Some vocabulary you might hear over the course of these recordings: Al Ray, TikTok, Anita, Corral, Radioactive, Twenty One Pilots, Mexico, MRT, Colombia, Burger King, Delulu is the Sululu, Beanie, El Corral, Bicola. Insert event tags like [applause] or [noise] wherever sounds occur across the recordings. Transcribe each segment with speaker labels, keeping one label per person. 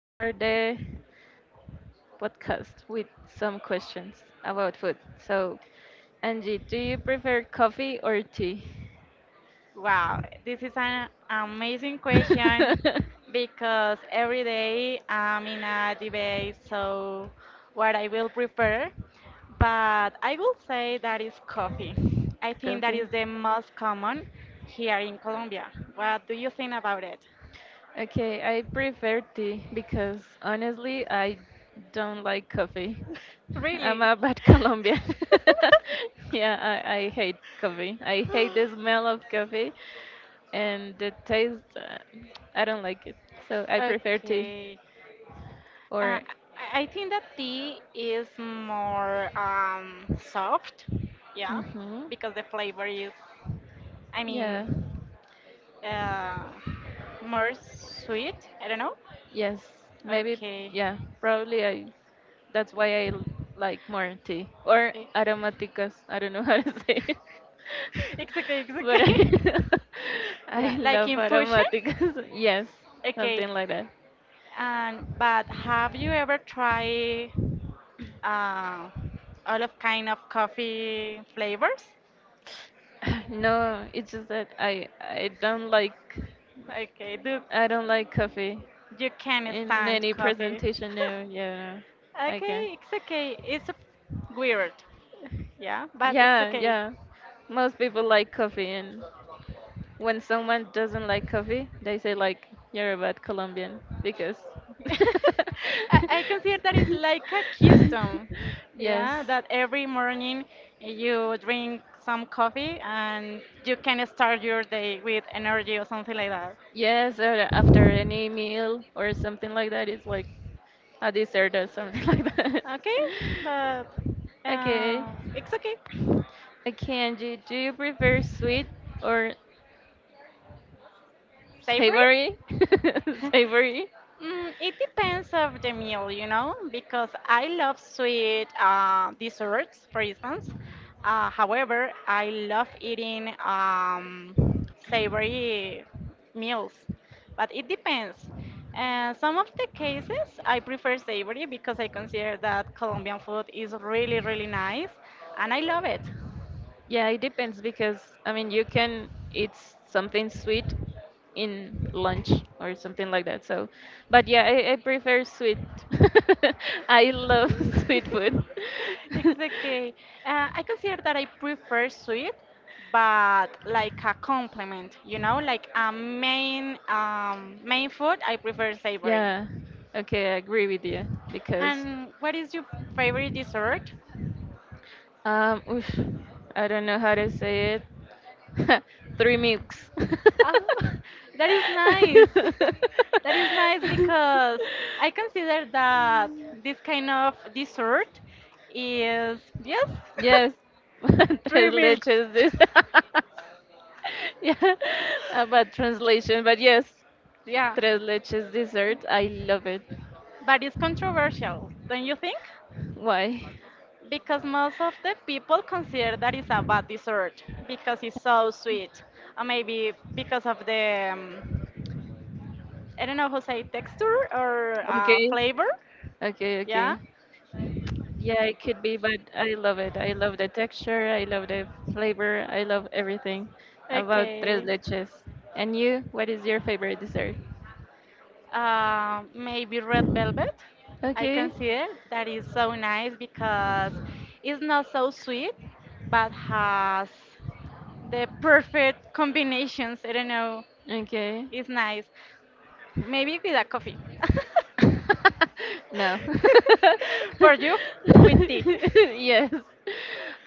Speaker 1: start the podcast with some questions about food. So, Angie, do you prefer coffee or tea?
Speaker 2: Wow,
Speaker 1: [laughs]
Speaker 2: this is an amazing question because every day I'm in a debate, so what I will prefer. But I will say that is coffee. I think that
Speaker 1: Coffee.
Speaker 2: is the most common here in Colombia. What do you think about it?
Speaker 1: Okay, I prefer tea because honestly, I don't like coffee.
Speaker 2: [laughs]
Speaker 1: [laughs] I'm
Speaker 2: Really?
Speaker 1: really a bad Colombian.
Speaker 2: [laughs]
Speaker 1: [laughs] Yeah, I hate coffee. I hate the smell of coffee and the taste, I don't like it. So I prefer tea
Speaker 2: Okay. Uh,
Speaker 1: or
Speaker 2: I think that tea is more soft, yeah,
Speaker 1: hmm,
Speaker 2: because the flavor is, I
Speaker 1: yeah,
Speaker 2: mean, uh, more sweet. I don't know.
Speaker 1: yes, maybe,
Speaker 2: Okay.
Speaker 1: yeah, probably I. That's why I like more tea or
Speaker 2: Eh,
Speaker 1: aromáticas. I don't know [laughs] how to say it,
Speaker 2: [laughs] It's okay, it's
Speaker 1: [laughs] but I
Speaker 2: okay. [laughs]
Speaker 1: [laughs] I
Speaker 2: Yeah, like
Speaker 1: love
Speaker 2: infusion.
Speaker 1: aromáticas. [laughs] Yes,
Speaker 2: Okay.
Speaker 1: something like that. [laughs]
Speaker 2: And but have you ever tried uh, all of kind of coffee flavors?
Speaker 1: [sighs] No, it's just that I don't like.
Speaker 2: Okay, do
Speaker 1: I don't like coffee
Speaker 2: You can
Speaker 1: in
Speaker 2: stand
Speaker 1: any
Speaker 2: coffee.
Speaker 1: presentation. No, yeah,
Speaker 2: [laughs]
Speaker 1: no, I can't.
Speaker 2: Okay, it's okay. It's weird. Yeah, but it's
Speaker 1: Yeah,
Speaker 2: okay.
Speaker 1: yeah. Most people like coffee, and when someone doesn't like coffee, they say like you're a bad Colombian because.
Speaker 2: [laughs] I consider that it's like a
Speaker 1: [laughs]
Speaker 2: custom.
Speaker 1: Yes.
Speaker 2: Yeah, that every morning you drink some coffee and you can start your day with energy or something like that.
Speaker 1: Yes, or after any meal or something like that, it's like a dessert or something [laughs] like that.
Speaker 2: Okay, but
Speaker 1: Okay.
Speaker 2: it's okay.
Speaker 1: Okay, Angie, do you prefer sweet or
Speaker 2: Savory?
Speaker 1: savory? [laughs]
Speaker 2: [laughs]
Speaker 1: Savory?
Speaker 2: Mm, it depends of the meal, you know, because I love sweet desserts, for instance. However, I love eating savory meals, but it depends. And some of the cases, I prefer savory because I consider that Colombian food is really, really nice, and I love it.
Speaker 1: Yeah, it depends because, I mean, you can eat something sweet in lunch or something like that. So, but yeah, I prefer sweet. [laughs] I love [laughs] sweet food.
Speaker 2: [laughs] Exactly. I consider that I prefer sweet, but like a complement, you know, like a main
Speaker 1: [laughs]
Speaker 2: main food. I prefer savory.
Speaker 1: Yeah. Okay, I agree with you because
Speaker 2: And what is your favorite dessert?
Speaker 1: oof, I don't know how to say it. [laughs] Three milks. [laughs]
Speaker 2: Oh, [laughs] that is nice. [laughs] That is nice because I consider that this kind of dessert is yes.
Speaker 1: Yes, [laughs]
Speaker 2: [laughs] Three
Speaker 1: tres
Speaker 2: milks.
Speaker 1: leches. This.
Speaker 2: [laughs]
Speaker 1: [laughs] Yeah, about translation, but yes,
Speaker 2: Yeah,
Speaker 1: tres leches dessert. I love it.
Speaker 2: but it's controversial, don't you think?
Speaker 1: Why?
Speaker 2: Because most of the people consider that it's a bad dessert because it's so sweet, or maybe because of the I don't know how to say texture or
Speaker 1: Okay,
Speaker 2: flavor.
Speaker 1: okay, okay.
Speaker 2: Yeah,
Speaker 1: Yeah, it could be, but I love it. I love the texture, I love the flavor, I love everything about tres
Speaker 2: okay.
Speaker 1: leches. And you, what is your favorite dessert?
Speaker 2: Maybe red velvet. I
Speaker 1: Okay.
Speaker 2: consider that is so nice because it's not so sweet, but has the perfect combinations, I don't know,
Speaker 1: Okay.
Speaker 2: is nice. Maybe with a coffee. [laughs]
Speaker 1: [laughs] No.
Speaker 2: For you, with tea.
Speaker 1: [laughs] Yes.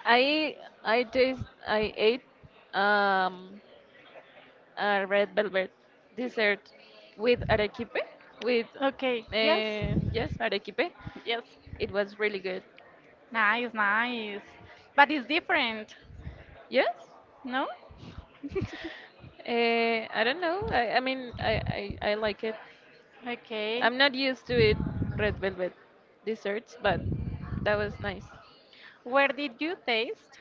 Speaker 1: I I ate um a red velvet dessert with arequipe with
Speaker 2: Okay, yes,
Speaker 1: yes arequipe.
Speaker 2: yes.
Speaker 1: It was really good.
Speaker 2: Nice, nice. But it's different,
Speaker 1: Yes.
Speaker 2: no? [laughs]
Speaker 1: I don't know. I mean I like it.
Speaker 2: Okay.
Speaker 1: I'm not used to eat red velvet desserts, but that was nice.
Speaker 2: Where did you taste?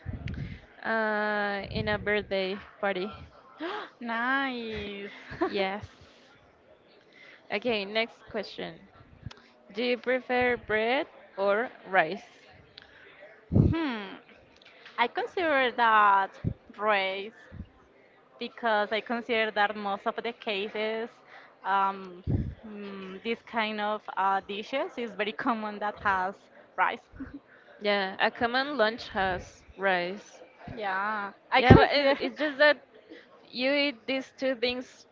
Speaker 1: In a birthday party.
Speaker 2: [gasps] Nice.
Speaker 1: [laughs]
Speaker 2: [laughs]
Speaker 1: Yes. Okay, next question. Do you prefer bread or rice?
Speaker 2: Hmm. I consider that race, because I consider that most of the cases, um, this kind of dishes is very common that has rice.
Speaker 1: Yeah, a common lunch has rice.
Speaker 2: [laughs] Yeah, I
Speaker 1: Yeah, but
Speaker 2: consider,
Speaker 1: it's just that
Speaker 2: [laughs]
Speaker 1: you eat these two things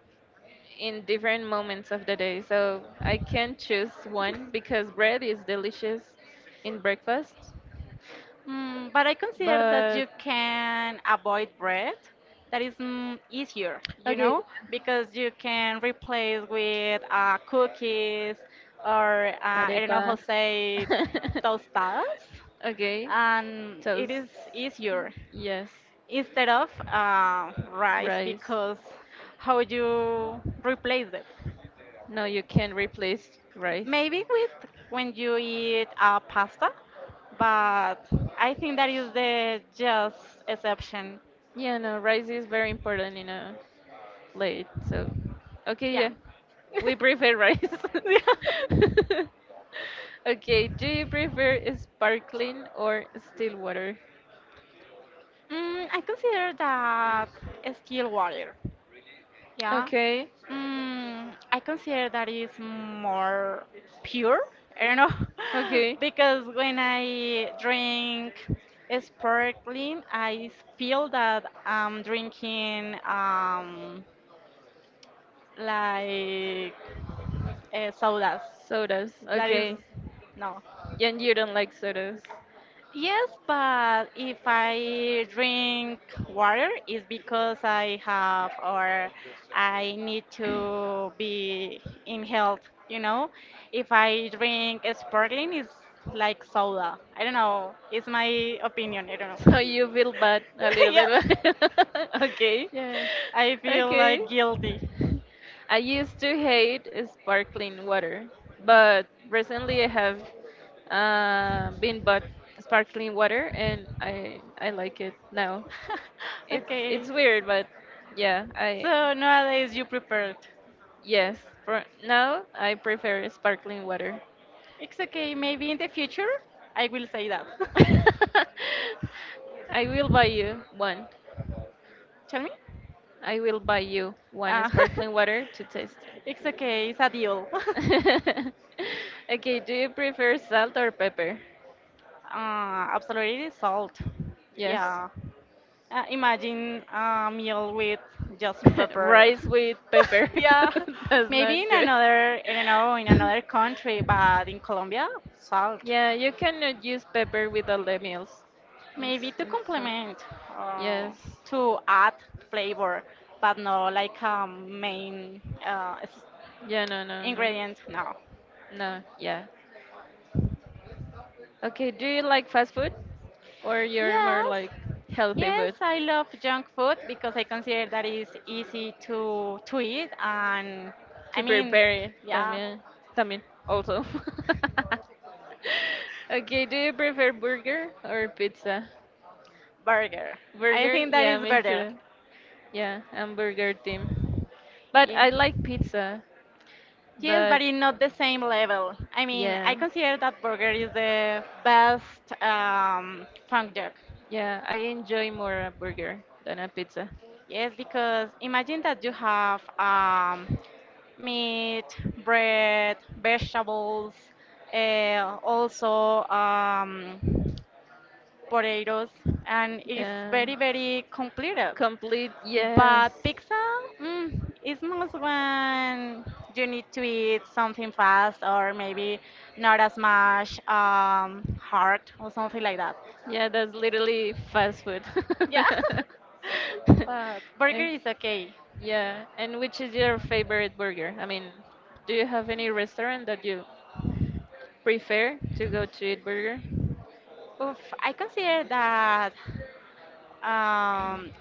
Speaker 1: in different moments of the day. So I can't choose one because bread is delicious in breakfast.
Speaker 2: mm, but I consider that
Speaker 1: But
Speaker 2: you can avoid bread. That is mm, easier, you
Speaker 1: okay,
Speaker 2: know, because you can replace with cookies or I don't know how
Speaker 1: arepa.
Speaker 2: to say
Speaker 1: [laughs]
Speaker 2: tostadas,
Speaker 1: Okay,
Speaker 2: and it
Speaker 1: toast.
Speaker 2: is easier.
Speaker 1: Yes,
Speaker 2: Instead of rice,
Speaker 1: rice.
Speaker 2: because how you replace it
Speaker 1: No, you can't replace rice.
Speaker 2: maybe with when you eat pasta, but I think that is the just exception.
Speaker 1: Yeah, no, rice is very important in a plate. So, okay,
Speaker 2: Yeah.
Speaker 1: yeah,
Speaker 2: [laughs]
Speaker 1: we prefer rice.
Speaker 2: Yeah.
Speaker 1: [laughs] Okay, do you prefer sparkling or still water?
Speaker 2: Mm, I consider that still water. Yeah.
Speaker 1: Okay,
Speaker 2: Mm, I consider that is more pure. I don't know.
Speaker 1: okay.
Speaker 2: [laughs] Because when I drink sparkling, I feel that I'm drinking like sodas.
Speaker 1: Sodas,
Speaker 2: That is
Speaker 1: okay.
Speaker 2: no.
Speaker 1: And you don't like sodas.
Speaker 2: Yes, but if I drink water, it's because I have or I need to be in health, you know? If I drink sparkling, it's like soda. I don't know. It's my opinion. I
Speaker 1: [laughs]
Speaker 2: don't know.
Speaker 1: So
Speaker 2: [laughs]
Speaker 1: you feel bad a little
Speaker 2: Yeah.
Speaker 1: bit. [laughs] Okay.
Speaker 2: Yeah. I feel
Speaker 1: Okay.
Speaker 2: like guilty. [laughs]
Speaker 1: I used to hate sparkling water, but recently I have, been bought sparkling water and I like it now. It's
Speaker 2: Okay.
Speaker 1: it's weird, but yeah, I
Speaker 2: So nowadays you prefer it.
Speaker 1: yes, for now I prefer sparkling water. [laughs]
Speaker 2: It's okay. Maybe in the future I will say that. [laughs]
Speaker 1: I will buy you one.
Speaker 2: Tell me?
Speaker 1: I will buy you one
Speaker 2: Uh,
Speaker 1: sparkling water to taste.
Speaker 2: [laughs] it's okay, it's a deal. [laughs]
Speaker 1: [laughs] Okay, do you prefer salt or pepper?
Speaker 2: Absolutely salt.
Speaker 1: Yes.
Speaker 2: Yeah. Imagine a meal with just
Speaker 1: [laughs]
Speaker 2: pepper.
Speaker 1: Rice with pepper.
Speaker 2: [laughs] Yeah.
Speaker 1: [laughs] That's
Speaker 2: Maybe in
Speaker 1: not good.
Speaker 2: another, I don't know, in another country,
Speaker 1: [laughs]
Speaker 2: but in Colombia, salt.
Speaker 1: Yeah, you cannot use pepper with all the meals.
Speaker 2: Maybe
Speaker 1: It's-
Speaker 2: to
Speaker 1: it's, uh,
Speaker 2: complement, uh,
Speaker 1: yes.
Speaker 2: to add flavor, but no like a main
Speaker 1: Yeah, no, no, no.
Speaker 2: ingredient, no.
Speaker 1: No, yeah. Okay, do you like fast food or you're more
Speaker 2: Yes,
Speaker 1: like healthy
Speaker 2: yes,
Speaker 1: food
Speaker 2: I love junk food because I consider that is easy to eat and I
Speaker 1: to
Speaker 2: mean,
Speaker 1: prepare
Speaker 2: yeah,
Speaker 1: también also? [laughs] Okay, do you prefer burger or pizza?
Speaker 2: burger. I
Speaker 1: Burger?
Speaker 2: think that
Speaker 1: Yeah,
Speaker 2: is
Speaker 1: me
Speaker 2: better.
Speaker 1: too. Yeah, I'm burger team. But
Speaker 2: Yeah.
Speaker 1: I like pizza,
Speaker 2: Yes,
Speaker 1: but
Speaker 2: but in not the same level. I mean, I
Speaker 1: yeah.
Speaker 2: consider that burger is the best funk duck.
Speaker 1: Yeah, I enjoy more a burger than a pizza.
Speaker 2: Yes, because imagine that you have meat, bread, vegetables, also potatoes, and it's
Speaker 1: Yeah.
Speaker 2: very, very completed.
Speaker 1: Complete, yes.
Speaker 2: But pizza mm, is most when you need to eat something fast or maybe not as much hard or something like that.
Speaker 1: Yeah, that's literally fast food.
Speaker 2: Yeah,
Speaker 1: [laughs]
Speaker 2: [laughs] but burger
Speaker 1: And-
Speaker 2: is okay.
Speaker 1: yeah, and which is your favorite burger? I mean, do you have any restaurant that you prefer to go to eat burger?
Speaker 2: Oof, I consider that um,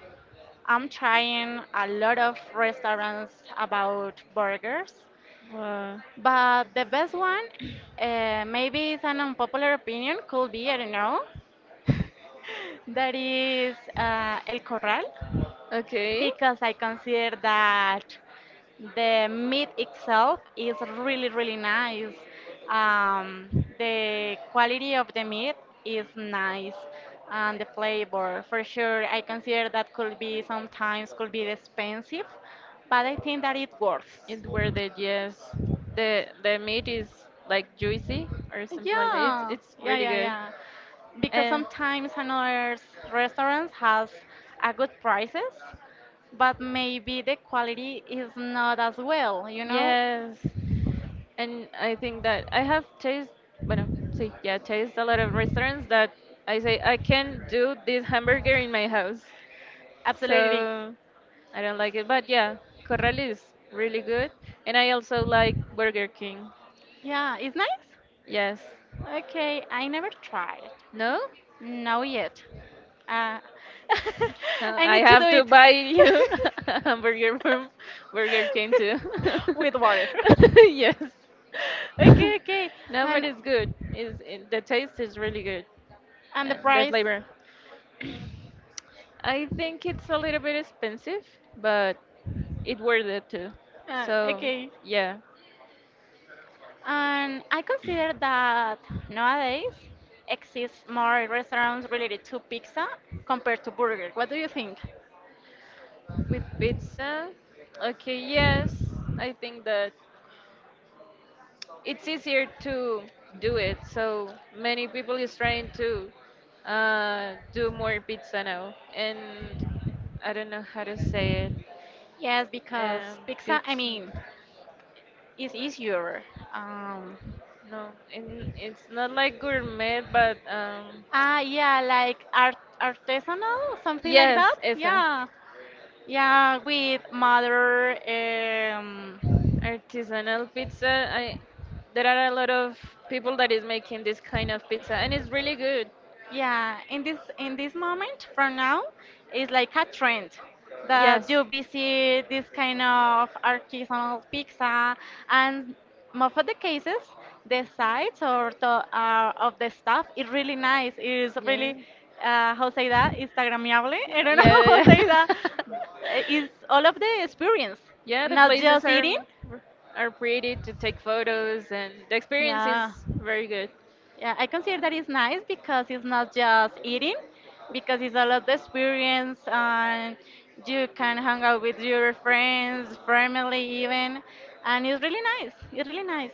Speaker 2: I'm trying a lot of restaurants about burgers.
Speaker 1: Wow.
Speaker 2: But the best one, maybe it's an unpopular opinion, could be, I don't know. [laughs] That is El Corral,
Speaker 1: Okay.
Speaker 2: because I consider that the meat itself is really, really nice. Um, the quality of the meat is nice, and the flavor, for sure, I consider that could be sometimes could be expensive, but I think that it works.
Speaker 1: It where the, yes, the meat is like juicy or something like that. It's
Speaker 2: Yeah,
Speaker 1: it's
Speaker 2: yeah,
Speaker 1: really
Speaker 2: yeah,
Speaker 1: good.
Speaker 2: yeah. Because
Speaker 1: And
Speaker 2: sometimes another restaurants has a good prices, but maybe the quality is not as well, you know?
Speaker 1: yes, and I think that I have taste. Bueno, sí, yeah, taste a lot of restaurants that I say I can do this hamburger in my house.
Speaker 2: Absolutely.
Speaker 1: So I don't like it, but yeah, Corral is really good, and I also like Burger King.
Speaker 2: Yeah, it's nice.
Speaker 1: Yes.
Speaker 2: Okay, I never tried.
Speaker 1: No?
Speaker 2: Not yet. Uh, [laughs]
Speaker 1: No,
Speaker 2: I
Speaker 1: I
Speaker 2: need to do
Speaker 1: have to
Speaker 2: it.
Speaker 1: buy you [laughs] a hamburger from Burger King too.
Speaker 2: [laughs] With water.
Speaker 1: [laughs] Yes.
Speaker 2: [laughs] Okay,
Speaker 1: [laughs]
Speaker 2: okay.
Speaker 1: No, but
Speaker 2: And
Speaker 1: it's good. The taste is really good.
Speaker 2: and the
Speaker 1: And the
Speaker 2: price.
Speaker 1: flavor. I think it's a little bit expensive, but it worth it too. So,
Speaker 2: Okay.
Speaker 1: yeah.
Speaker 2: And I consider that nowadays exists more restaurants related to pizza compared to burger. What do you think?
Speaker 1: With pizza, okay, yes. I think that it's easier to do it. So many people is trying to, do more pizza now, and I don't know how to say it.
Speaker 2: Yes, because
Speaker 1: Um,
Speaker 2: pizza, I
Speaker 1: Pizza.
Speaker 2: mean, is easier. Um,
Speaker 1: No, it's not like gourmet, but
Speaker 2: Ah, yeah, like artisanal, something like
Speaker 1: yes,
Speaker 2: that.
Speaker 1: esa
Speaker 2: Yeah, yeah, with mother.
Speaker 1: artisanal pizza. I There are a lot of people that is making this kind of pizza, and it's really good.
Speaker 2: Yeah, in this moment from now is like a trend that
Speaker 1: Yes.
Speaker 2: you visit this kind of artisanal pizza, and most of the cases the sides or the of the stuff is really nice. It's
Speaker 1: Yeah.
Speaker 2: really how say that Instagrammable. [laughs] I don't know
Speaker 1: Yeah,
Speaker 2: how
Speaker 1: yeah,
Speaker 2: say that.
Speaker 1: yeah.
Speaker 2: Uh, It's
Speaker 1: [laughs]
Speaker 2: all of the experience,
Speaker 1: Yeah, the
Speaker 2: not
Speaker 1: places
Speaker 2: just
Speaker 1: are
Speaker 2: eating.
Speaker 1: are pretty to take photos and the experience
Speaker 2: Yeah.
Speaker 1: is very good.
Speaker 2: Yeah, I consider that it's nice because it's not just eating, because it's a lot of experience and you can hang out with your friends, family even, and it's really nice. It's really nice.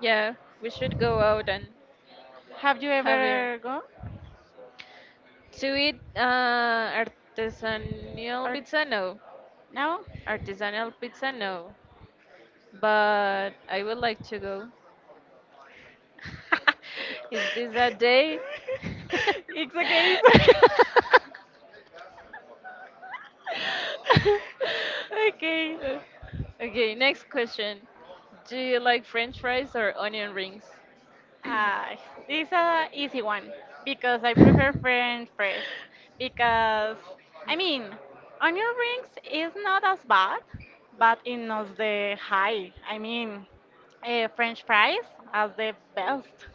Speaker 1: Yeah, we should go out and
Speaker 2: Have you
Speaker 1: have it
Speaker 2: ever gone
Speaker 1: to eat, artisanal
Speaker 2: or
Speaker 1: pizza. No,
Speaker 2: no?
Speaker 1: artisanal pizza. No, but I would like to go. [laughs] Is this a day?
Speaker 2: [laughs] It's okay. It's okay. [laughs]
Speaker 1: [laughs]
Speaker 2: Okay.
Speaker 1: Okay, next question. Do you like french fries or onion rings? [laughs]
Speaker 2: Uh, this is a easy one because I prefer French press, because I mean onion rings is not as bad, but it not the high. I mean French fries are the best.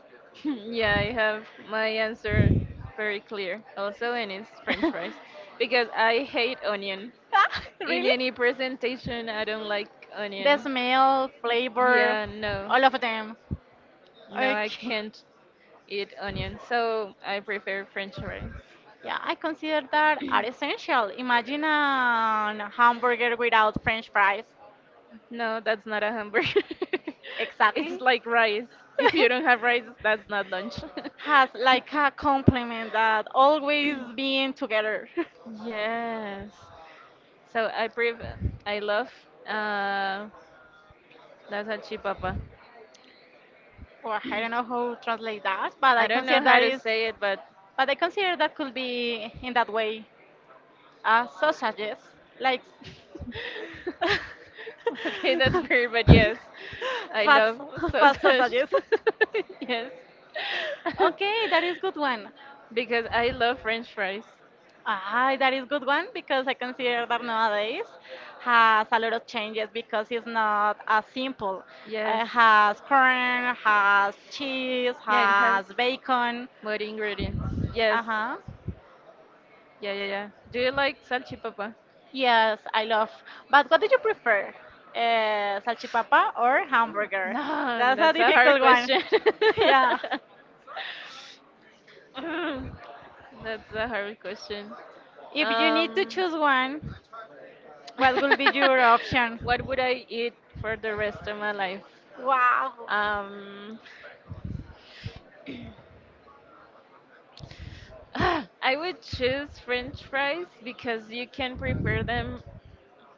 Speaker 1: Yeah, I have my answer very clear. Also, and it's french
Speaker 2: [laughs]
Speaker 1: fries because I hate onion.
Speaker 2: Ah,
Speaker 1: In
Speaker 2: really?
Speaker 1: any presentation, I don't like
Speaker 2: The
Speaker 1: onion.
Speaker 2: smell, flavor,
Speaker 1: Yeah, no.
Speaker 2: all of them.
Speaker 1: No, I
Speaker 2: Okay.
Speaker 1: can't eat onion, so I prefer French fries.
Speaker 2: Yeah, I consider that are essential. Imagine a hamburger without French fries.
Speaker 1: No, that's not a hamburger. [laughs] It's
Speaker 2: Exactly.
Speaker 1: like rice. If you don't have rice,
Speaker 2: [laughs]
Speaker 1: that's not lunch.
Speaker 2: Has like a compliment that always
Speaker 1: [laughs]
Speaker 2: being together.
Speaker 1: Yes. So I love uh, la salchipapa. [clears throat]
Speaker 2: [laughs] Or I don't know how to translate that, but
Speaker 1: I
Speaker 2: I
Speaker 1: don't know
Speaker 2: consider
Speaker 1: how
Speaker 2: that
Speaker 1: to
Speaker 2: is,
Speaker 1: say it, but
Speaker 2: but I consider that could be in that way, sausages like [laughs]
Speaker 1: [laughs] okay, that's weird, but yes, I
Speaker 2: fast
Speaker 1: love
Speaker 2: fast
Speaker 1: sausage.
Speaker 2: sausages.
Speaker 1: [laughs] Yes,
Speaker 2: [laughs]
Speaker 1: [laughs]
Speaker 2: Okay, that is good one.
Speaker 1: because I love French fries.
Speaker 2: Ah, that is good one because I consider that nowadays has a lot of changes because it's not as simple.
Speaker 1: Yes,
Speaker 2: It has corn, has cheese,
Speaker 1: yeah, it has
Speaker 2: has bacon.
Speaker 1: more ingredients. Yes,
Speaker 2: Uh huh.
Speaker 1: yeah, yeah, yeah. Do you like salchipapa?
Speaker 2: Yes, I love. But what do you prefer, salchipapa or hamburger?
Speaker 1: No,
Speaker 2: That's a
Speaker 1: that's a hard
Speaker 2: difficult one.
Speaker 1: question.
Speaker 2: [laughs]
Speaker 1: [laughs]
Speaker 2: Yeah.
Speaker 1: Mm, That's a hard question.
Speaker 2: If you need to
Speaker 1: Um,
Speaker 2: choose one, what will be your option?
Speaker 1: [laughs] what would I eat for the rest of my life?
Speaker 2: Wow,
Speaker 1: Um, [laughs] [sighs] I would choose French fries because you can prepare them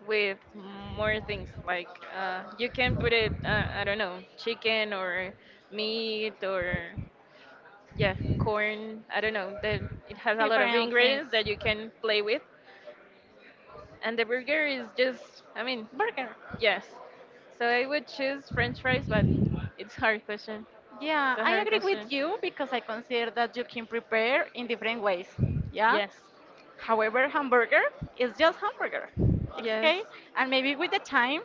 Speaker 1: with more things like, you can put it, I don't know, chicken or meat or, yeah, corn, I don't know that it has a lot of
Speaker 2: different things.
Speaker 1: ingredients that you can play with, and the burger is just, I mean,
Speaker 2: Burger.
Speaker 1: yes, so I would choose French fries, but it's hard question.
Speaker 2: Yeah,
Speaker 1: It's a
Speaker 2: I
Speaker 1: hard
Speaker 2: agree
Speaker 1: question.
Speaker 2: with you because I consider that you can prepare in different ways. Yeah.
Speaker 1: Yes.
Speaker 2: However, hamburger is just hamburger. It's
Speaker 1: Yes,
Speaker 2: okay. And maybe with the time,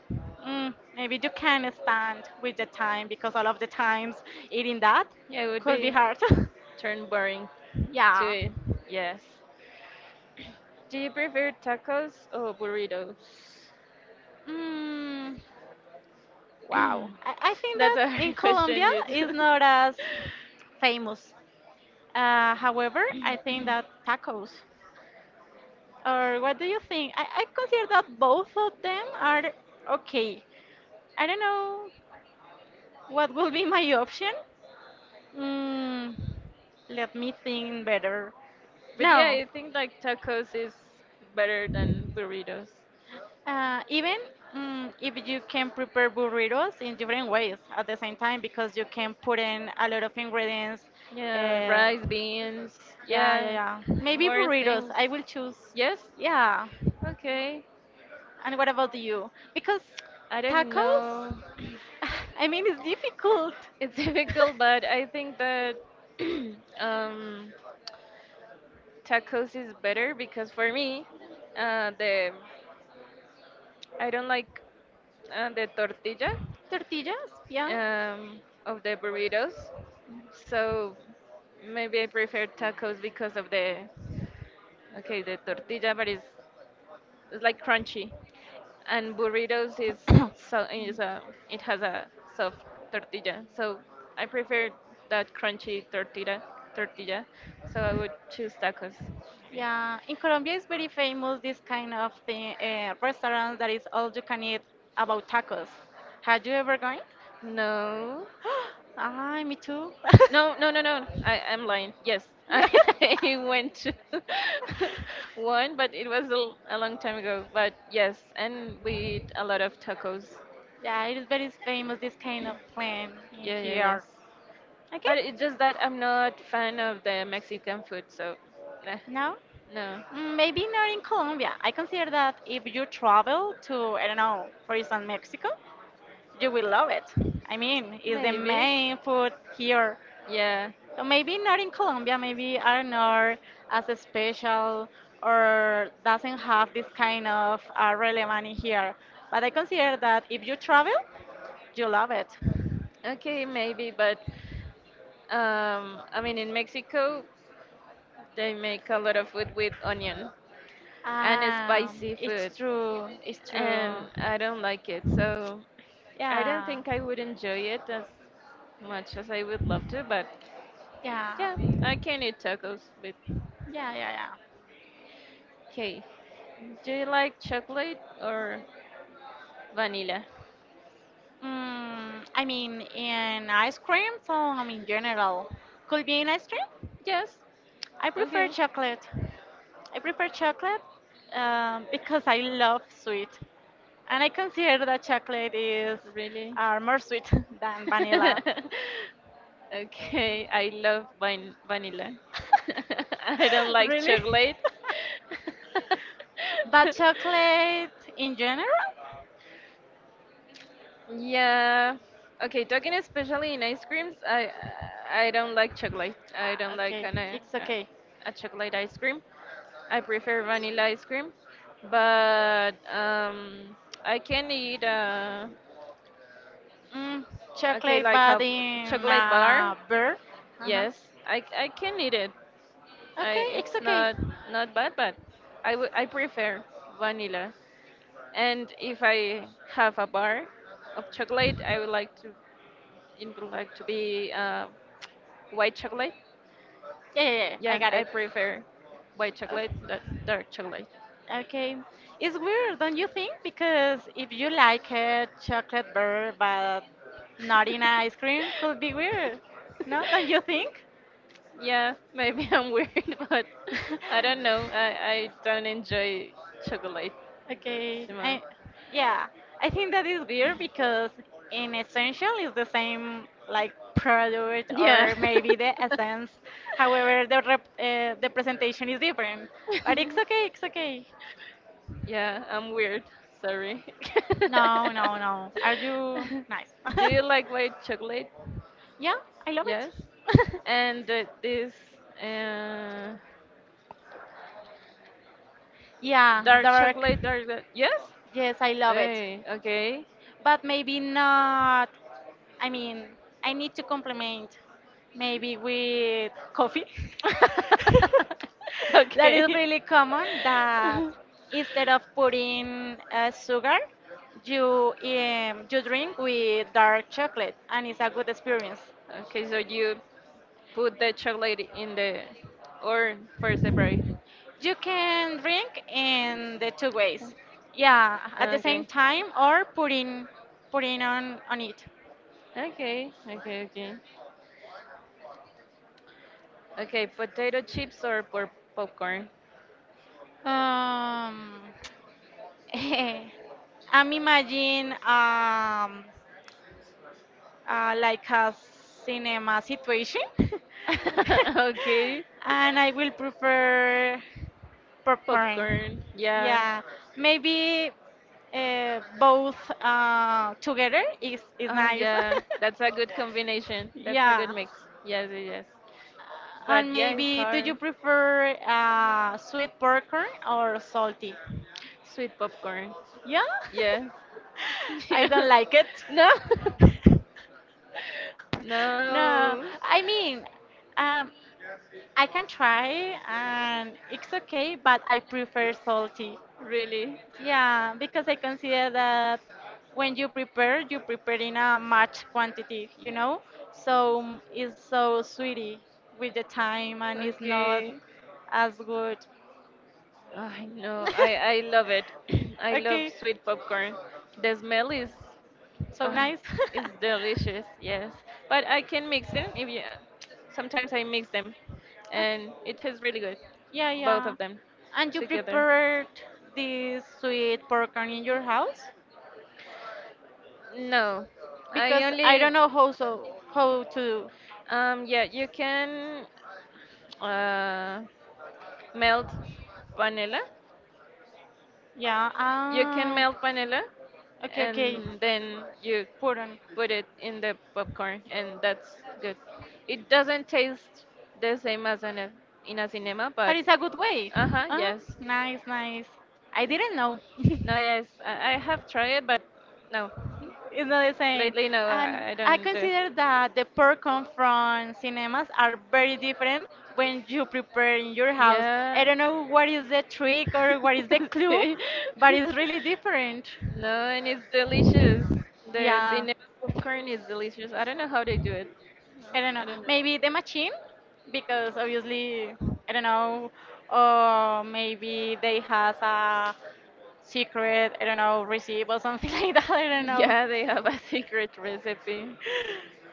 Speaker 2: mm, maybe you can stand with the time because all of the times eating that
Speaker 1: yeah, it would
Speaker 2: could be
Speaker 1: be
Speaker 2: hard. [laughs]
Speaker 1: turn boring to
Speaker 2: Yeah.
Speaker 1: it. Yes. Do you prefer tacos or burritos?
Speaker 2: Mm, wow. I
Speaker 1: [clears throat]
Speaker 2: think that
Speaker 1: That's a [laughs]
Speaker 2: in
Speaker 1: hard
Speaker 2: Colombia
Speaker 1: question, you. [clears throat]
Speaker 2: is not as famous. However, I think that tacos. Or what do you think? I consider that both of them are okay. I don't know what will be my option. Mm, let me think better.
Speaker 1: But yeah,
Speaker 2: No,
Speaker 1: I think like tacos is better than burritos.
Speaker 2: even mm, if you can prepare burritos in different ways at the same time because you can put in a lot of ingredients.
Speaker 1: Yeah,
Speaker 2: Uh,
Speaker 1: rice, beans.
Speaker 2: yeah,
Speaker 1: Yeah,
Speaker 2: yeah, yeah. Maybe
Speaker 1: more
Speaker 2: burritos.
Speaker 1: things.
Speaker 2: I will choose.
Speaker 1: Yes.
Speaker 2: Yeah.
Speaker 1: Okay.
Speaker 2: And what about you? Because
Speaker 1: I don't
Speaker 2: tacos,
Speaker 1: know.
Speaker 2: [laughs] I mean, it's difficult.
Speaker 1: It's [laughs] difficult, but I think that [clears throat] um, tacos is better because for me, the I don't like the tortilla,
Speaker 2: [laughs] Tortillas, yeah.
Speaker 1: of the burritos, so maybe I prefer tacos because of the okay the tortilla, but it's like crunchy. And burritos is, so
Speaker 2: [coughs]
Speaker 1: is a, it has a soft tortilla, so I prefer that crunchy tortilla, so I would choose tacos maybe.
Speaker 2: Yeah, in Colombia it's very famous this kind of thing, restaurant that is all you can eat about tacos. Had you ever gone?
Speaker 1: No,
Speaker 2: [gasps] Ah, me too.
Speaker 1: no, no, no, no I'm lying, yes, [laughs]
Speaker 2: [laughs]
Speaker 1: I went to [laughs] one but it was a long time ago, but yes, and we eat a lot of tacos.
Speaker 2: Yeah, it is very famous this kind of plan in
Speaker 1: Yeah, yeah,
Speaker 2: here.
Speaker 1: yes.
Speaker 2: Okay,
Speaker 1: But it's just that I'm not fan of the Mexican food, so eh,
Speaker 2: now
Speaker 1: no.
Speaker 2: mm, maybe not in Colombia. I consider that if you travel to, I don't know, for instance, Mexico, you will love it. I mean, it's the
Speaker 1: Maybe.
Speaker 2: main food here.
Speaker 1: Yeah.
Speaker 2: So maybe not in Colombia, maybe are not as special or doesn't have this kind of relevance in here. But I consider that if you travel, you love it.
Speaker 1: Okay, maybe, but I mean in Mexico they make a lot of food with onion and spicy food
Speaker 2: It's true, it's true.
Speaker 1: and I don't like it. So I don't
Speaker 2: Yeah,
Speaker 1: think I would enjoy it as much as I would love to, but
Speaker 2: yeah,
Speaker 1: yeah, I can eat tacos with
Speaker 2: yeah, yeah, yeah.
Speaker 1: okay. Do you like chocolate or vanilla?
Speaker 2: Mm, I mean, in ice cream, so I mean, in general, could be in ice cream.
Speaker 1: Yes.
Speaker 2: I prefer
Speaker 1: Okay.
Speaker 2: chocolate. I prefer chocolate because I love sweet, and I consider that chocolate is
Speaker 1: Really?
Speaker 2: more sweet [laughs] than vanilla.
Speaker 1: [laughs] Okay. I love vanilla.
Speaker 2: [laughs]
Speaker 1: [laughs] I don't like
Speaker 2: Really? [laughs]
Speaker 1: chocolate. [laughs]
Speaker 2: But chocolate in general?
Speaker 1: Yeah. Okay, talking especially in ice creams, I don't like chocolate. I
Speaker 2: Ah,
Speaker 1: don't like
Speaker 2: okay,
Speaker 1: an, uh,
Speaker 2: it's okay.
Speaker 1: a chocolate ice cream. I prefer vanilla ice cream, but I can eat.
Speaker 2: Mm,
Speaker 1: Okay,
Speaker 2: chocolate,
Speaker 1: like a
Speaker 2: but in
Speaker 1: chocolate bar.
Speaker 2: beer. Uh-huh.
Speaker 1: Yes, I can eat it. I
Speaker 2: Okay, it's
Speaker 1: It's
Speaker 2: okay.
Speaker 1: not not bad, but I prefer vanilla. And if I have a bar of chocolate, I would like to it would like to be, white chocolate.
Speaker 2: Yeah, yeah, yeah, I
Speaker 1: Yeah,
Speaker 2: got
Speaker 1: I
Speaker 2: it.
Speaker 1: prefer white
Speaker 2: Uh,
Speaker 1: chocolate than dark chocolate.
Speaker 2: Okay. It's weird, don't you think? Because if you like a chocolate bar but not in ice cream, could be weird. No, [laughs] don't you
Speaker 1: [laughs]
Speaker 2: think? [laughs]
Speaker 1: Yeah, maybe I'm weird, [laughs] but I don't know. I don't enjoy chocolate
Speaker 2: Okay.
Speaker 1: too much.
Speaker 2: I yeah, I think that is weird because in essential is the same like product
Speaker 1: Yeah.
Speaker 2: or maybe the essence. However, the presentation is different. But it's okay,
Speaker 1: [laughs]
Speaker 2: it's okay.
Speaker 1: Yeah, I'm weird. Sorry.
Speaker 2: No,
Speaker 1: [laughs]
Speaker 2: no, no. Are you nice? [laughs]
Speaker 1: Do you like white chocolate?
Speaker 2: Yeah, I love it.
Speaker 1: Yes.
Speaker 2: [laughs]
Speaker 1: And this uh,
Speaker 2: Yeah,
Speaker 1: dark
Speaker 2: dark.
Speaker 1: chocolate, dark. Yes?
Speaker 2: Yes, I love it.
Speaker 1: Hey, okay.
Speaker 2: But maybe not. I mean, I need to complement, maybe with coffee. [laughs]
Speaker 1: [laughs]
Speaker 2: That
Speaker 1: Okay.
Speaker 2: is really common that
Speaker 1: [laughs]
Speaker 2: instead of putting sugar, you drink with dark chocolate, and it's a good experience.
Speaker 1: Okay, so you put the chocolate in the or for separate.
Speaker 2: You can drink in the two ways. Yeah, at the same
Speaker 1: Okay.
Speaker 2: time or putting on it.
Speaker 1: Okay. Okay. Okay. Okay. Potato chips or popcorn.
Speaker 2: Um, [laughs] I'm imagine like a cinema situation,
Speaker 1: [laughs] Okay.
Speaker 2: [laughs] and I will prefer popcorn.
Speaker 1: Popcorn. Yeah.
Speaker 2: Yeah, maybe both together is
Speaker 1: Oh
Speaker 2: nice.
Speaker 1: yeah, that's a good combination.
Speaker 2: [laughs]
Speaker 1: That's a good
Speaker 2: Yeah.
Speaker 1: mix. Yes, yes, yes.
Speaker 2: And
Speaker 1: But yeah, it's
Speaker 2: maybe, do you
Speaker 1: hard.
Speaker 2: prefer sweet popcorn or salty?
Speaker 1: Sweet popcorn.
Speaker 2: Yeah?
Speaker 1: Yes. [laughs]
Speaker 2: [laughs] I
Speaker 1: Yeah.
Speaker 2: don't like
Speaker 1: No. [laughs]
Speaker 2: it. [laughs] No,
Speaker 1: No.
Speaker 2: I mean, um, I can try and it's okay, but I prefer salty.
Speaker 1: Really.
Speaker 2: Yeah, because I consider that when you prepare in a much quantity, you know? So it's so sweetie with the time and it's not
Speaker 1: Okay.
Speaker 2: as good.
Speaker 1: I know. I love it. [clears throat]
Speaker 2: [laughs]
Speaker 1: I love
Speaker 2: Okay,
Speaker 1: sweet popcorn. The smell
Speaker 2: so
Speaker 1: uh,
Speaker 2: nice.
Speaker 1: is delicious.
Speaker 2: [laughs]
Speaker 1: Yes, but I can mix them. If you, sometimes I mix them, and it tastes really good,
Speaker 2: Yeah,
Speaker 1: both
Speaker 2: yeah.
Speaker 1: of them
Speaker 2: And you
Speaker 1: together.
Speaker 2: prepared this sweet popcorn in your house?
Speaker 1: No, I
Speaker 2: Because I
Speaker 1: only
Speaker 2: don't know how to.
Speaker 1: yeah you can uh melt vanilla.
Speaker 2: Yeah.
Speaker 1: You can
Speaker 2: Ah.
Speaker 1: melt vanilla
Speaker 2: Okay, okay.
Speaker 1: and then you
Speaker 2: Put on.
Speaker 1: put it in the popcorn and that's good. It doesn't taste the same as in a cinema,
Speaker 2: But
Speaker 1: but
Speaker 2: it's a good way.
Speaker 1: uh-huh,
Speaker 2: Ah,
Speaker 1: yes.
Speaker 2: nice, nice. I didn't know. [laughs]
Speaker 1: No, yes, I have tried it, but no.
Speaker 2: It's not the same.
Speaker 1: Lately, no,
Speaker 2: And
Speaker 1: I
Speaker 2: I
Speaker 1: don't do it.
Speaker 2: consider that the popcorn from cinemas are very different when you prepare in your house.
Speaker 1: Yeah.
Speaker 2: I don't know what is the trick or what
Speaker 1: [laughs]
Speaker 2: is the
Speaker 1: [laughs]
Speaker 2: clue,
Speaker 1: See?
Speaker 2: but it's really different.
Speaker 1: No, and it's delicious. The
Speaker 2: Yeah,
Speaker 1: cinnamon popcorn is delicious. I don't know how they do it.
Speaker 2: I don't know.
Speaker 1: I don't know.
Speaker 2: Maybe the machine, because obviously, I don't know, or maybe they has a secret, I don't know, receipt or something [laughs] like that. I don't know.
Speaker 1: Yeah, they have a [laughs] secret recipe.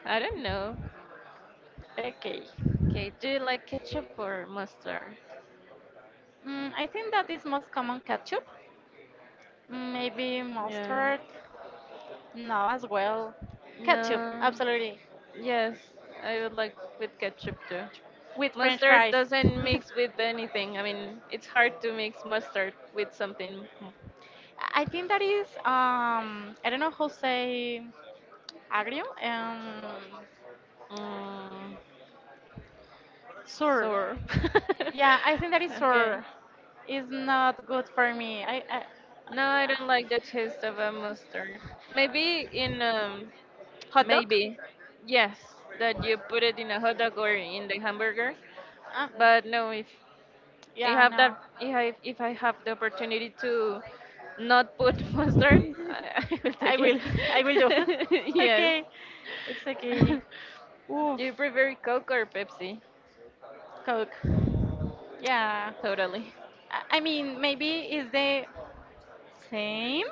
Speaker 1: I don't know.
Speaker 2: Okay.
Speaker 1: Okay, do you like ketchup or mustard?
Speaker 2: Mm, I think that is most common ketchup. Maybe
Speaker 1: Yeah.
Speaker 2: mustard? No, as well. Ketchup,
Speaker 1: No.
Speaker 2: absolutely.
Speaker 1: Yes, I would like with ketchup too.
Speaker 2: With French
Speaker 1: Mustard
Speaker 2: fries.
Speaker 1: doesn't mix with
Speaker 2: [laughs]
Speaker 1: anything. I mean, it's hard to mix mustard with something.
Speaker 2: I think that is I don't know how to say agrio,
Speaker 1: Mm,
Speaker 2: sour.
Speaker 1: sour. [laughs]
Speaker 2: Yeah, I think that is
Speaker 1: Okay.
Speaker 2: sour. It's not good for me. I
Speaker 1: No, I don't like the taste of a mustard. Maybe in
Speaker 2: hot dog?
Speaker 1: maybe, yes, that you put it in a hot dog or in the hamburger.
Speaker 2: Uh,
Speaker 1: But no, if I
Speaker 2: yeah,
Speaker 1: have that,
Speaker 2: no.
Speaker 1: if I have the opportunity to not put [laughs] mustard, I will
Speaker 2: I
Speaker 1: take
Speaker 2: will.
Speaker 1: it.
Speaker 2: [laughs] I will do.
Speaker 1: [laughs]
Speaker 2: [laughs]
Speaker 1: Yes.
Speaker 2: Okay. It's okay.
Speaker 1: [laughs] Do
Speaker 2: Oof.
Speaker 1: you prefer Coke or Pepsi?
Speaker 2: Coke. Yeah.
Speaker 1: Totally.
Speaker 2: I mean, maybe it's the same,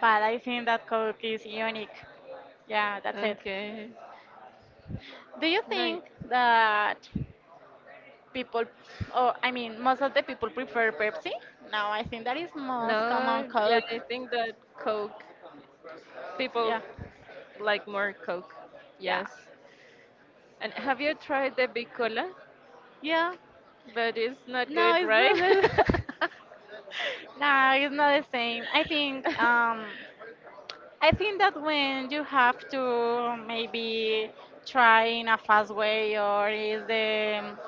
Speaker 2: but I think that Coke is unique. Yeah, that's it.
Speaker 1: Okay.
Speaker 2: Do you
Speaker 1: No.
Speaker 2: think that people, or I mean, most of the people prefer Pepsi? No, I think that is
Speaker 1: No,
Speaker 2: most common
Speaker 1: yeah,
Speaker 2: Coke.
Speaker 1: I think that Coke, people
Speaker 2: Yeah,
Speaker 1: like more Coke.
Speaker 2: yeah,
Speaker 1: Yes. And have you tried the Bicola?
Speaker 2: yeah.
Speaker 1: But it's not
Speaker 2: No,
Speaker 1: good,
Speaker 2: it's not
Speaker 1: right?
Speaker 2: the, [laughs] no, it's not the same.
Speaker 1: [laughs]
Speaker 2: I think that when you have to maybe try in a fast way or is the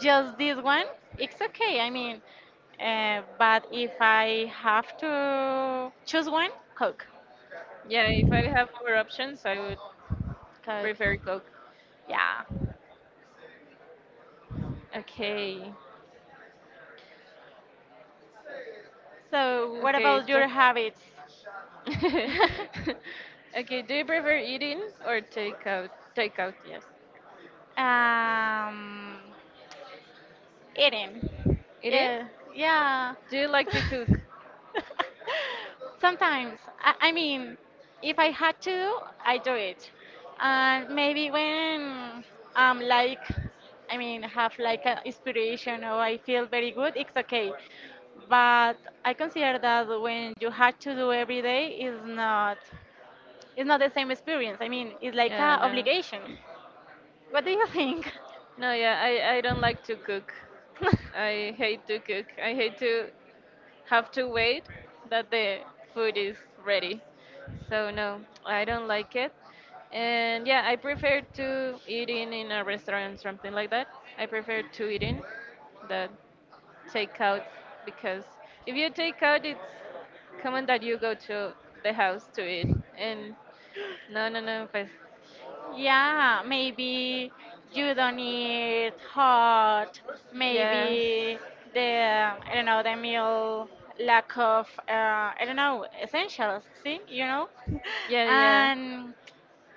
Speaker 2: just this one, it's okay. I mean, but if I have to choose one, Coke.
Speaker 1: Yeah, if I have more options, I would prefer
Speaker 2: Coke.
Speaker 1: Coke.
Speaker 2: Yeah.
Speaker 1: Okay.
Speaker 2: So what
Speaker 1: Okay,
Speaker 2: about
Speaker 1: talk.
Speaker 2: your habits?
Speaker 1: [laughs]
Speaker 2: [laughs]
Speaker 1: Okay, do you prefer eating or take out? Take out, yes.
Speaker 2: um, Eating.
Speaker 1: Eating?
Speaker 2: Yeah, yeah.
Speaker 1: Do you like to
Speaker 2: [laughs]
Speaker 1: cook?
Speaker 2: Sometimes, I mean, if I had to, I do it. And maybe when I'm like, I mean, have like an inspiration or I feel very good, it's okay. But I consider that when you had to do every day is not, it's not the same experience. I mean, it's like
Speaker 1: Yeah,
Speaker 2: a
Speaker 1: no.
Speaker 2: obligation. What do you think?
Speaker 1: No, yeah, I don't like to cook.
Speaker 2: [laughs]
Speaker 1: I hate to cook. I hate to have to wait that the food is ready. So no, I don't like it. And yeah, I prefer to eating in a restaurant, something like that. I prefer to eating that takeout, because if you take out, it's common that you go to the house to eat. And no, no, no, but
Speaker 2: Yeah, maybe you don't eat hot.
Speaker 1: yes,
Speaker 2: Maybe the I don't know the meal lack of I don't know essentials. See, [laughs]
Speaker 1: yeah, yeah.
Speaker 2: and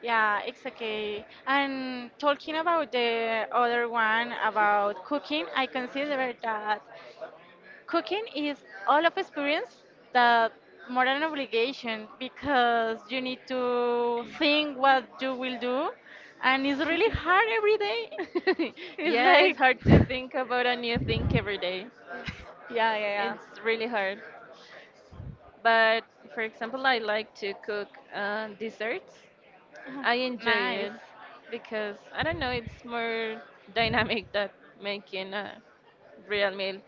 Speaker 2: yeah, it's okay. And talking about the other one about cooking, I consider that cooking is all of experience that more than an obligation because you need to think what you will do and it's really hard every day.
Speaker 1: [laughs]
Speaker 2: It's
Speaker 1: Yeah, it's
Speaker 2: like
Speaker 1: hard to
Speaker 2: [laughs]
Speaker 1: think about a new thing every day.
Speaker 2: yeah yeah yeah.
Speaker 1: It's really hard. But for example, I like to cook desserts. I
Speaker 2: [sighs] [laughs]
Speaker 1: enjoy
Speaker 2: nice.
Speaker 1: it because I don't know, it's more dynamic than making a real meal.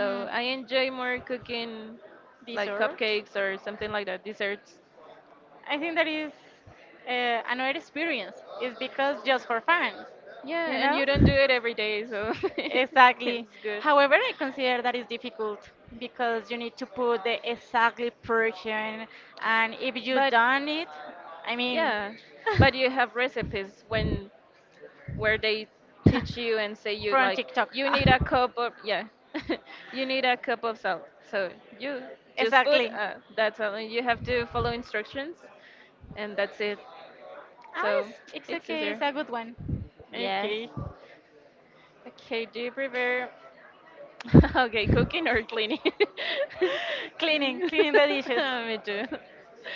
Speaker 2: Mm,
Speaker 1: I enjoy more cooking like
Speaker 2: dessert.
Speaker 1: cupcakes or something like that, desserts.
Speaker 2: I think that is another experience. It's because just for fun,
Speaker 1: Yeah,
Speaker 2: you
Speaker 1: and
Speaker 2: know?
Speaker 1: you don't do it every day, so [laughs]
Speaker 2: Exactly.
Speaker 1: it's good.
Speaker 2: However, I consider that is difficult because you need to put the exactly person, and if you
Speaker 1: But
Speaker 2: done it, I mean,
Speaker 1: yeah, but you have recipes when where they teach you and say
Speaker 2: [laughs]
Speaker 1: you
Speaker 2: from
Speaker 1: like
Speaker 2: TikTok.
Speaker 1: you need a cup of yeah, [laughs] you need a cup of salt. So you
Speaker 2: [laughs]
Speaker 1: just put
Speaker 2: Exactly.
Speaker 1: that's all. You have to follow instructions, and that's it.
Speaker 2: Ah,
Speaker 1: So
Speaker 2: it's
Speaker 1: it's
Speaker 2: okay. It's
Speaker 1: easier.
Speaker 2: a good one.
Speaker 1: Yes.
Speaker 2: Okay.
Speaker 1: Okay. Do you prefer [laughs] okay cooking or cleaning? [laughs]
Speaker 2: [laughs] Cleaning, cleaning the dishes.
Speaker 1: Me too.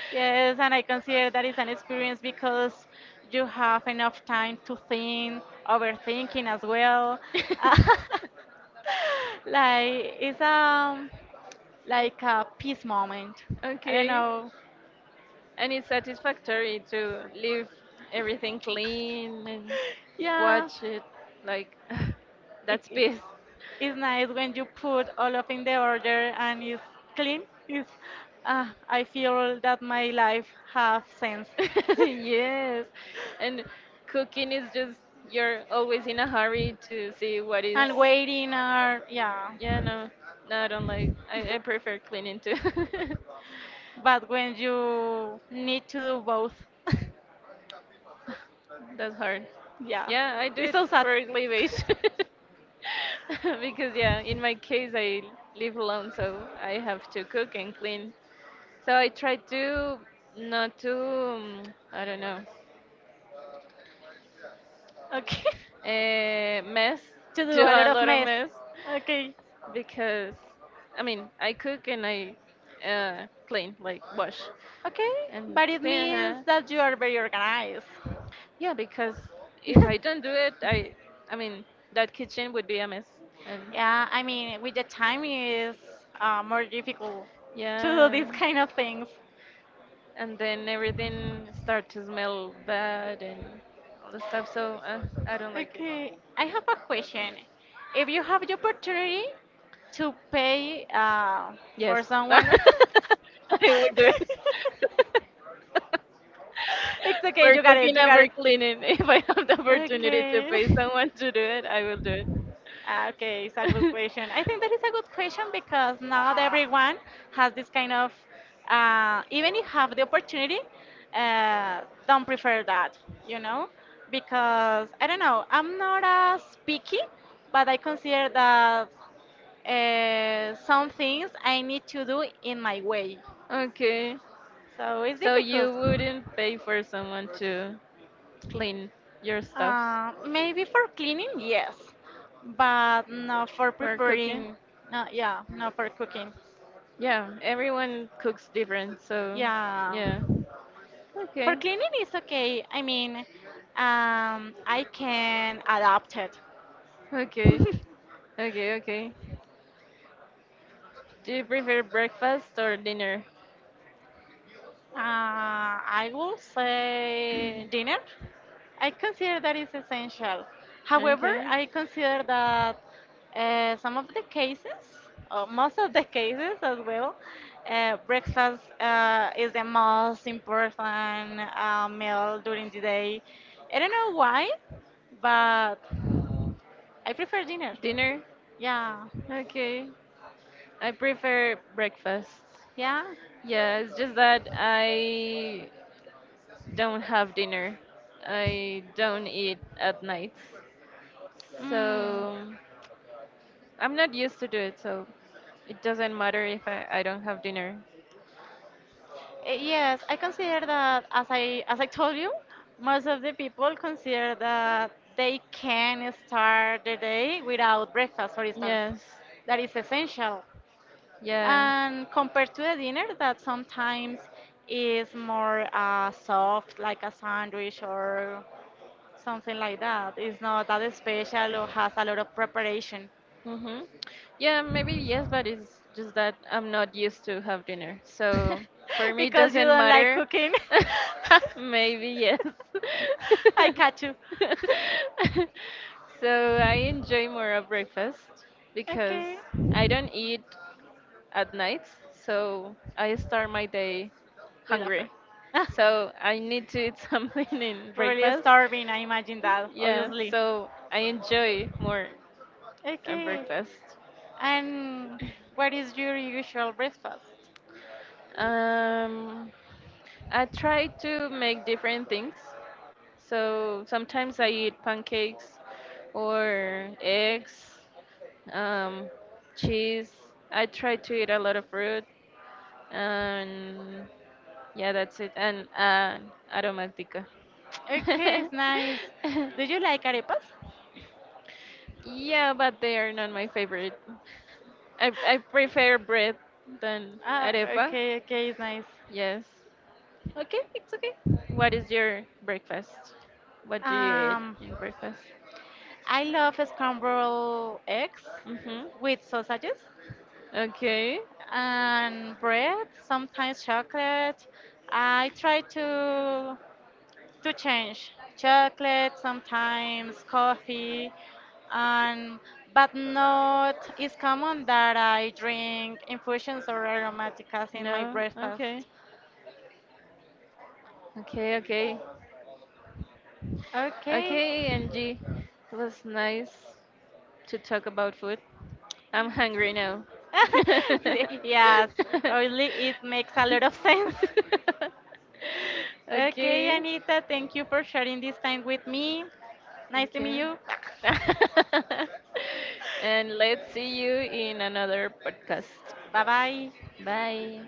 Speaker 2: Yes, and I consider that is an experience because you have enough time to think, overthinking as well. [laughs] Like it's
Speaker 1: [laughs]
Speaker 2: like a peace moment. I don't
Speaker 1: Okay.
Speaker 2: know.
Speaker 1: And it's satisfactory to leave everything clean and
Speaker 2: Yeah,
Speaker 1: watch it. Like, [sighs]
Speaker 2: it
Speaker 1: that's
Speaker 2: it-
Speaker 1: peace.
Speaker 2: it's nice when you put all of in the order and it's clean. It's, I feel that my life have sense.
Speaker 1: [laughs] Yes. And cooking is just, you're always in a hurry to see what is.
Speaker 2: And waiting are yeah.
Speaker 1: Yeah, no. No, I don't like, I prefer cleaning too. [laughs]
Speaker 2: But when you need to do both, [laughs]
Speaker 1: That's hard.
Speaker 2: yeah,
Speaker 1: Yeah, I do
Speaker 2: it's
Speaker 1: it
Speaker 2: so sad.
Speaker 1: for
Speaker 2: [laughs]
Speaker 1: levies. [laughs] Because yeah, in my case I live alone, so I have to cook and clean. So I try to not to I don't know
Speaker 2: Okay, [laughs]
Speaker 1: mess,
Speaker 2: to
Speaker 1: [laughs]
Speaker 2: do
Speaker 1: do
Speaker 2: a lot
Speaker 1: a
Speaker 2: of
Speaker 1: lot of
Speaker 2: mess.
Speaker 1: mess
Speaker 2: Okay,
Speaker 1: because I mean I cook and I clean like wash
Speaker 2: okay,
Speaker 1: and
Speaker 2: but it
Speaker 1: clean.
Speaker 2: means that you are very organized.
Speaker 1: Yeah, because if
Speaker 2: [laughs]
Speaker 1: I don't do it, I mean that kitchen would be a mess. And
Speaker 2: Yeah, I mean, with the time is more difficult to do
Speaker 1: yeah.
Speaker 2: these kind of things.
Speaker 1: And then everything start to smell bad and all the stuff. So I don't like it.
Speaker 2: Okay, I have a question. If you have the opportunity to pay
Speaker 1: Yes,
Speaker 2: for
Speaker 1: [laughs] I
Speaker 2: someone
Speaker 1: would do it
Speaker 2: [laughs]
Speaker 1: [laughs]
Speaker 2: It's okay,
Speaker 1: for
Speaker 2: you got it,
Speaker 1: cooking
Speaker 2: you
Speaker 1: and
Speaker 2: got
Speaker 1: for
Speaker 2: it.
Speaker 1: cleaning. [laughs] If I have the opportunity to
Speaker 2: Okay.
Speaker 1: pay someone to do it, I will do
Speaker 2: Ah, okay, it's a good
Speaker 1: it.
Speaker 2: question. I think that is a good question because not everyone has this kind of, even if have the opportunity, uh, don't prefer that, you know? Because I don't know, I'm not as picky, but I consider that some things I need to do in my way.
Speaker 1: [laughs] Okay.
Speaker 2: So it's
Speaker 1: So
Speaker 2: difficult.
Speaker 1: you wouldn't pay for someone to clean your stuff
Speaker 2: Maybe for cleaning, yes, but not for
Speaker 1: for cooking?
Speaker 2: preparing. No, yeah, not for cooking.
Speaker 1: Yeah, everyone cooks different, so
Speaker 2: Yeah,
Speaker 1: yeah.
Speaker 2: for
Speaker 1: Okay.
Speaker 2: cleaning it's okay. I mean, I can adapt it.
Speaker 1: Okay.
Speaker 2: [laughs]
Speaker 1: Okay, okay. Do you prefer breakfast or dinner?
Speaker 2: I will say dinner. I consider that is essential. However,
Speaker 1: Okay.
Speaker 2: I consider that some of the cases, or most of the cases as well, breakfast is the most important meal during the day. I don't know why, but I prefer dinner.
Speaker 1: Dinner?
Speaker 2: Yeah,
Speaker 1: Okay. I prefer breakfast.
Speaker 2: yeah.
Speaker 1: Yeah, it's just that I don't have dinner. I don't eat at nights.
Speaker 2: Mm.
Speaker 1: So I'm not used to do it, so it doesn't matter if I, I don't have dinner.
Speaker 2: Yes, I consider that as I told you, most of the people consider that they can start the day without breakfast, for instance.
Speaker 1: Yes.
Speaker 2: That is essential.
Speaker 1: Yeah.
Speaker 2: And compared to a dinner that sometimes is more soft, like a sandwich or something like that, it's not that special or has a lot of preparation
Speaker 1: Mm-hmm. Yeah, maybe yes, but it's just that I'm not used to have dinner. So for
Speaker 2: [laughs]
Speaker 1: me, it
Speaker 2: because you
Speaker 1: doesn't
Speaker 2: don't like
Speaker 1: matter.
Speaker 2: cooking.
Speaker 1: [laughs] Maybe yes. [laughs]
Speaker 2: [laughs] I catch you. [laughs]
Speaker 1: So I enjoy more a breakfast because
Speaker 2: Okay.
Speaker 1: I don't eat at night, so I start my day
Speaker 2: With a
Speaker 1: hungry.
Speaker 2: friend.
Speaker 1: So I need to eat [laughs] something in
Speaker 2: [laughs] Really
Speaker 1: breakfast.
Speaker 2: starving, I imagine that,
Speaker 1: Yeah,
Speaker 2: obviously.
Speaker 1: so I enjoy more a
Speaker 2: Okay.
Speaker 1: breakfast.
Speaker 2: And what is your usual breakfast?
Speaker 1: Um, I try to make different things. So sometimes I eat pancakes or eggs, um, cheese. I try to eat a lot of fruit. And yeah, that's it. And aromática.
Speaker 2: Okay, it's
Speaker 1: [laughs]
Speaker 2: nice. Do you like arepas? [laughs]
Speaker 1: Yeah, but they are not my favorite. I prefer bread than
Speaker 2: Ah,
Speaker 1: arepa.
Speaker 2: okay, okay, it's nice.
Speaker 1: Yes.
Speaker 2: Okay, it's okay.
Speaker 1: What is your breakfast? What do you eat
Speaker 2: Um,
Speaker 1: in breakfast?
Speaker 2: I love scrambled eggs
Speaker 1: Mm-hmm.
Speaker 2: with sausages,
Speaker 1: Okay.
Speaker 2: and bread, sometimes chocolate. I try to change chocolate, sometimes coffee, and but not it's common that I drink infusions or aromaticas in my
Speaker 1: No. Okay.
Speaker 2: breakfast.
Speaker 1: Okay. Okay.
Speaker 2: Okay.
Speaker 1: Okay, Angie. It was nice to talk about food. I'm hungry now. [laughs]
Speaker 2: [laughs] Yes, only it makes a lot of sense. [laughs] Okay,
Speaker 1: Okay.
Speaker 2: Anita, thank you for sharing this time with me. Nice to meet
Speaker 1: Okay.
Speaker 2: you.
Speaker 1: [laughs] And
Speaker 2: [laughs]
Speaker 1: let's see you in another podcast.
Speaker 2: Bye bye.
Speaker 1: Bye.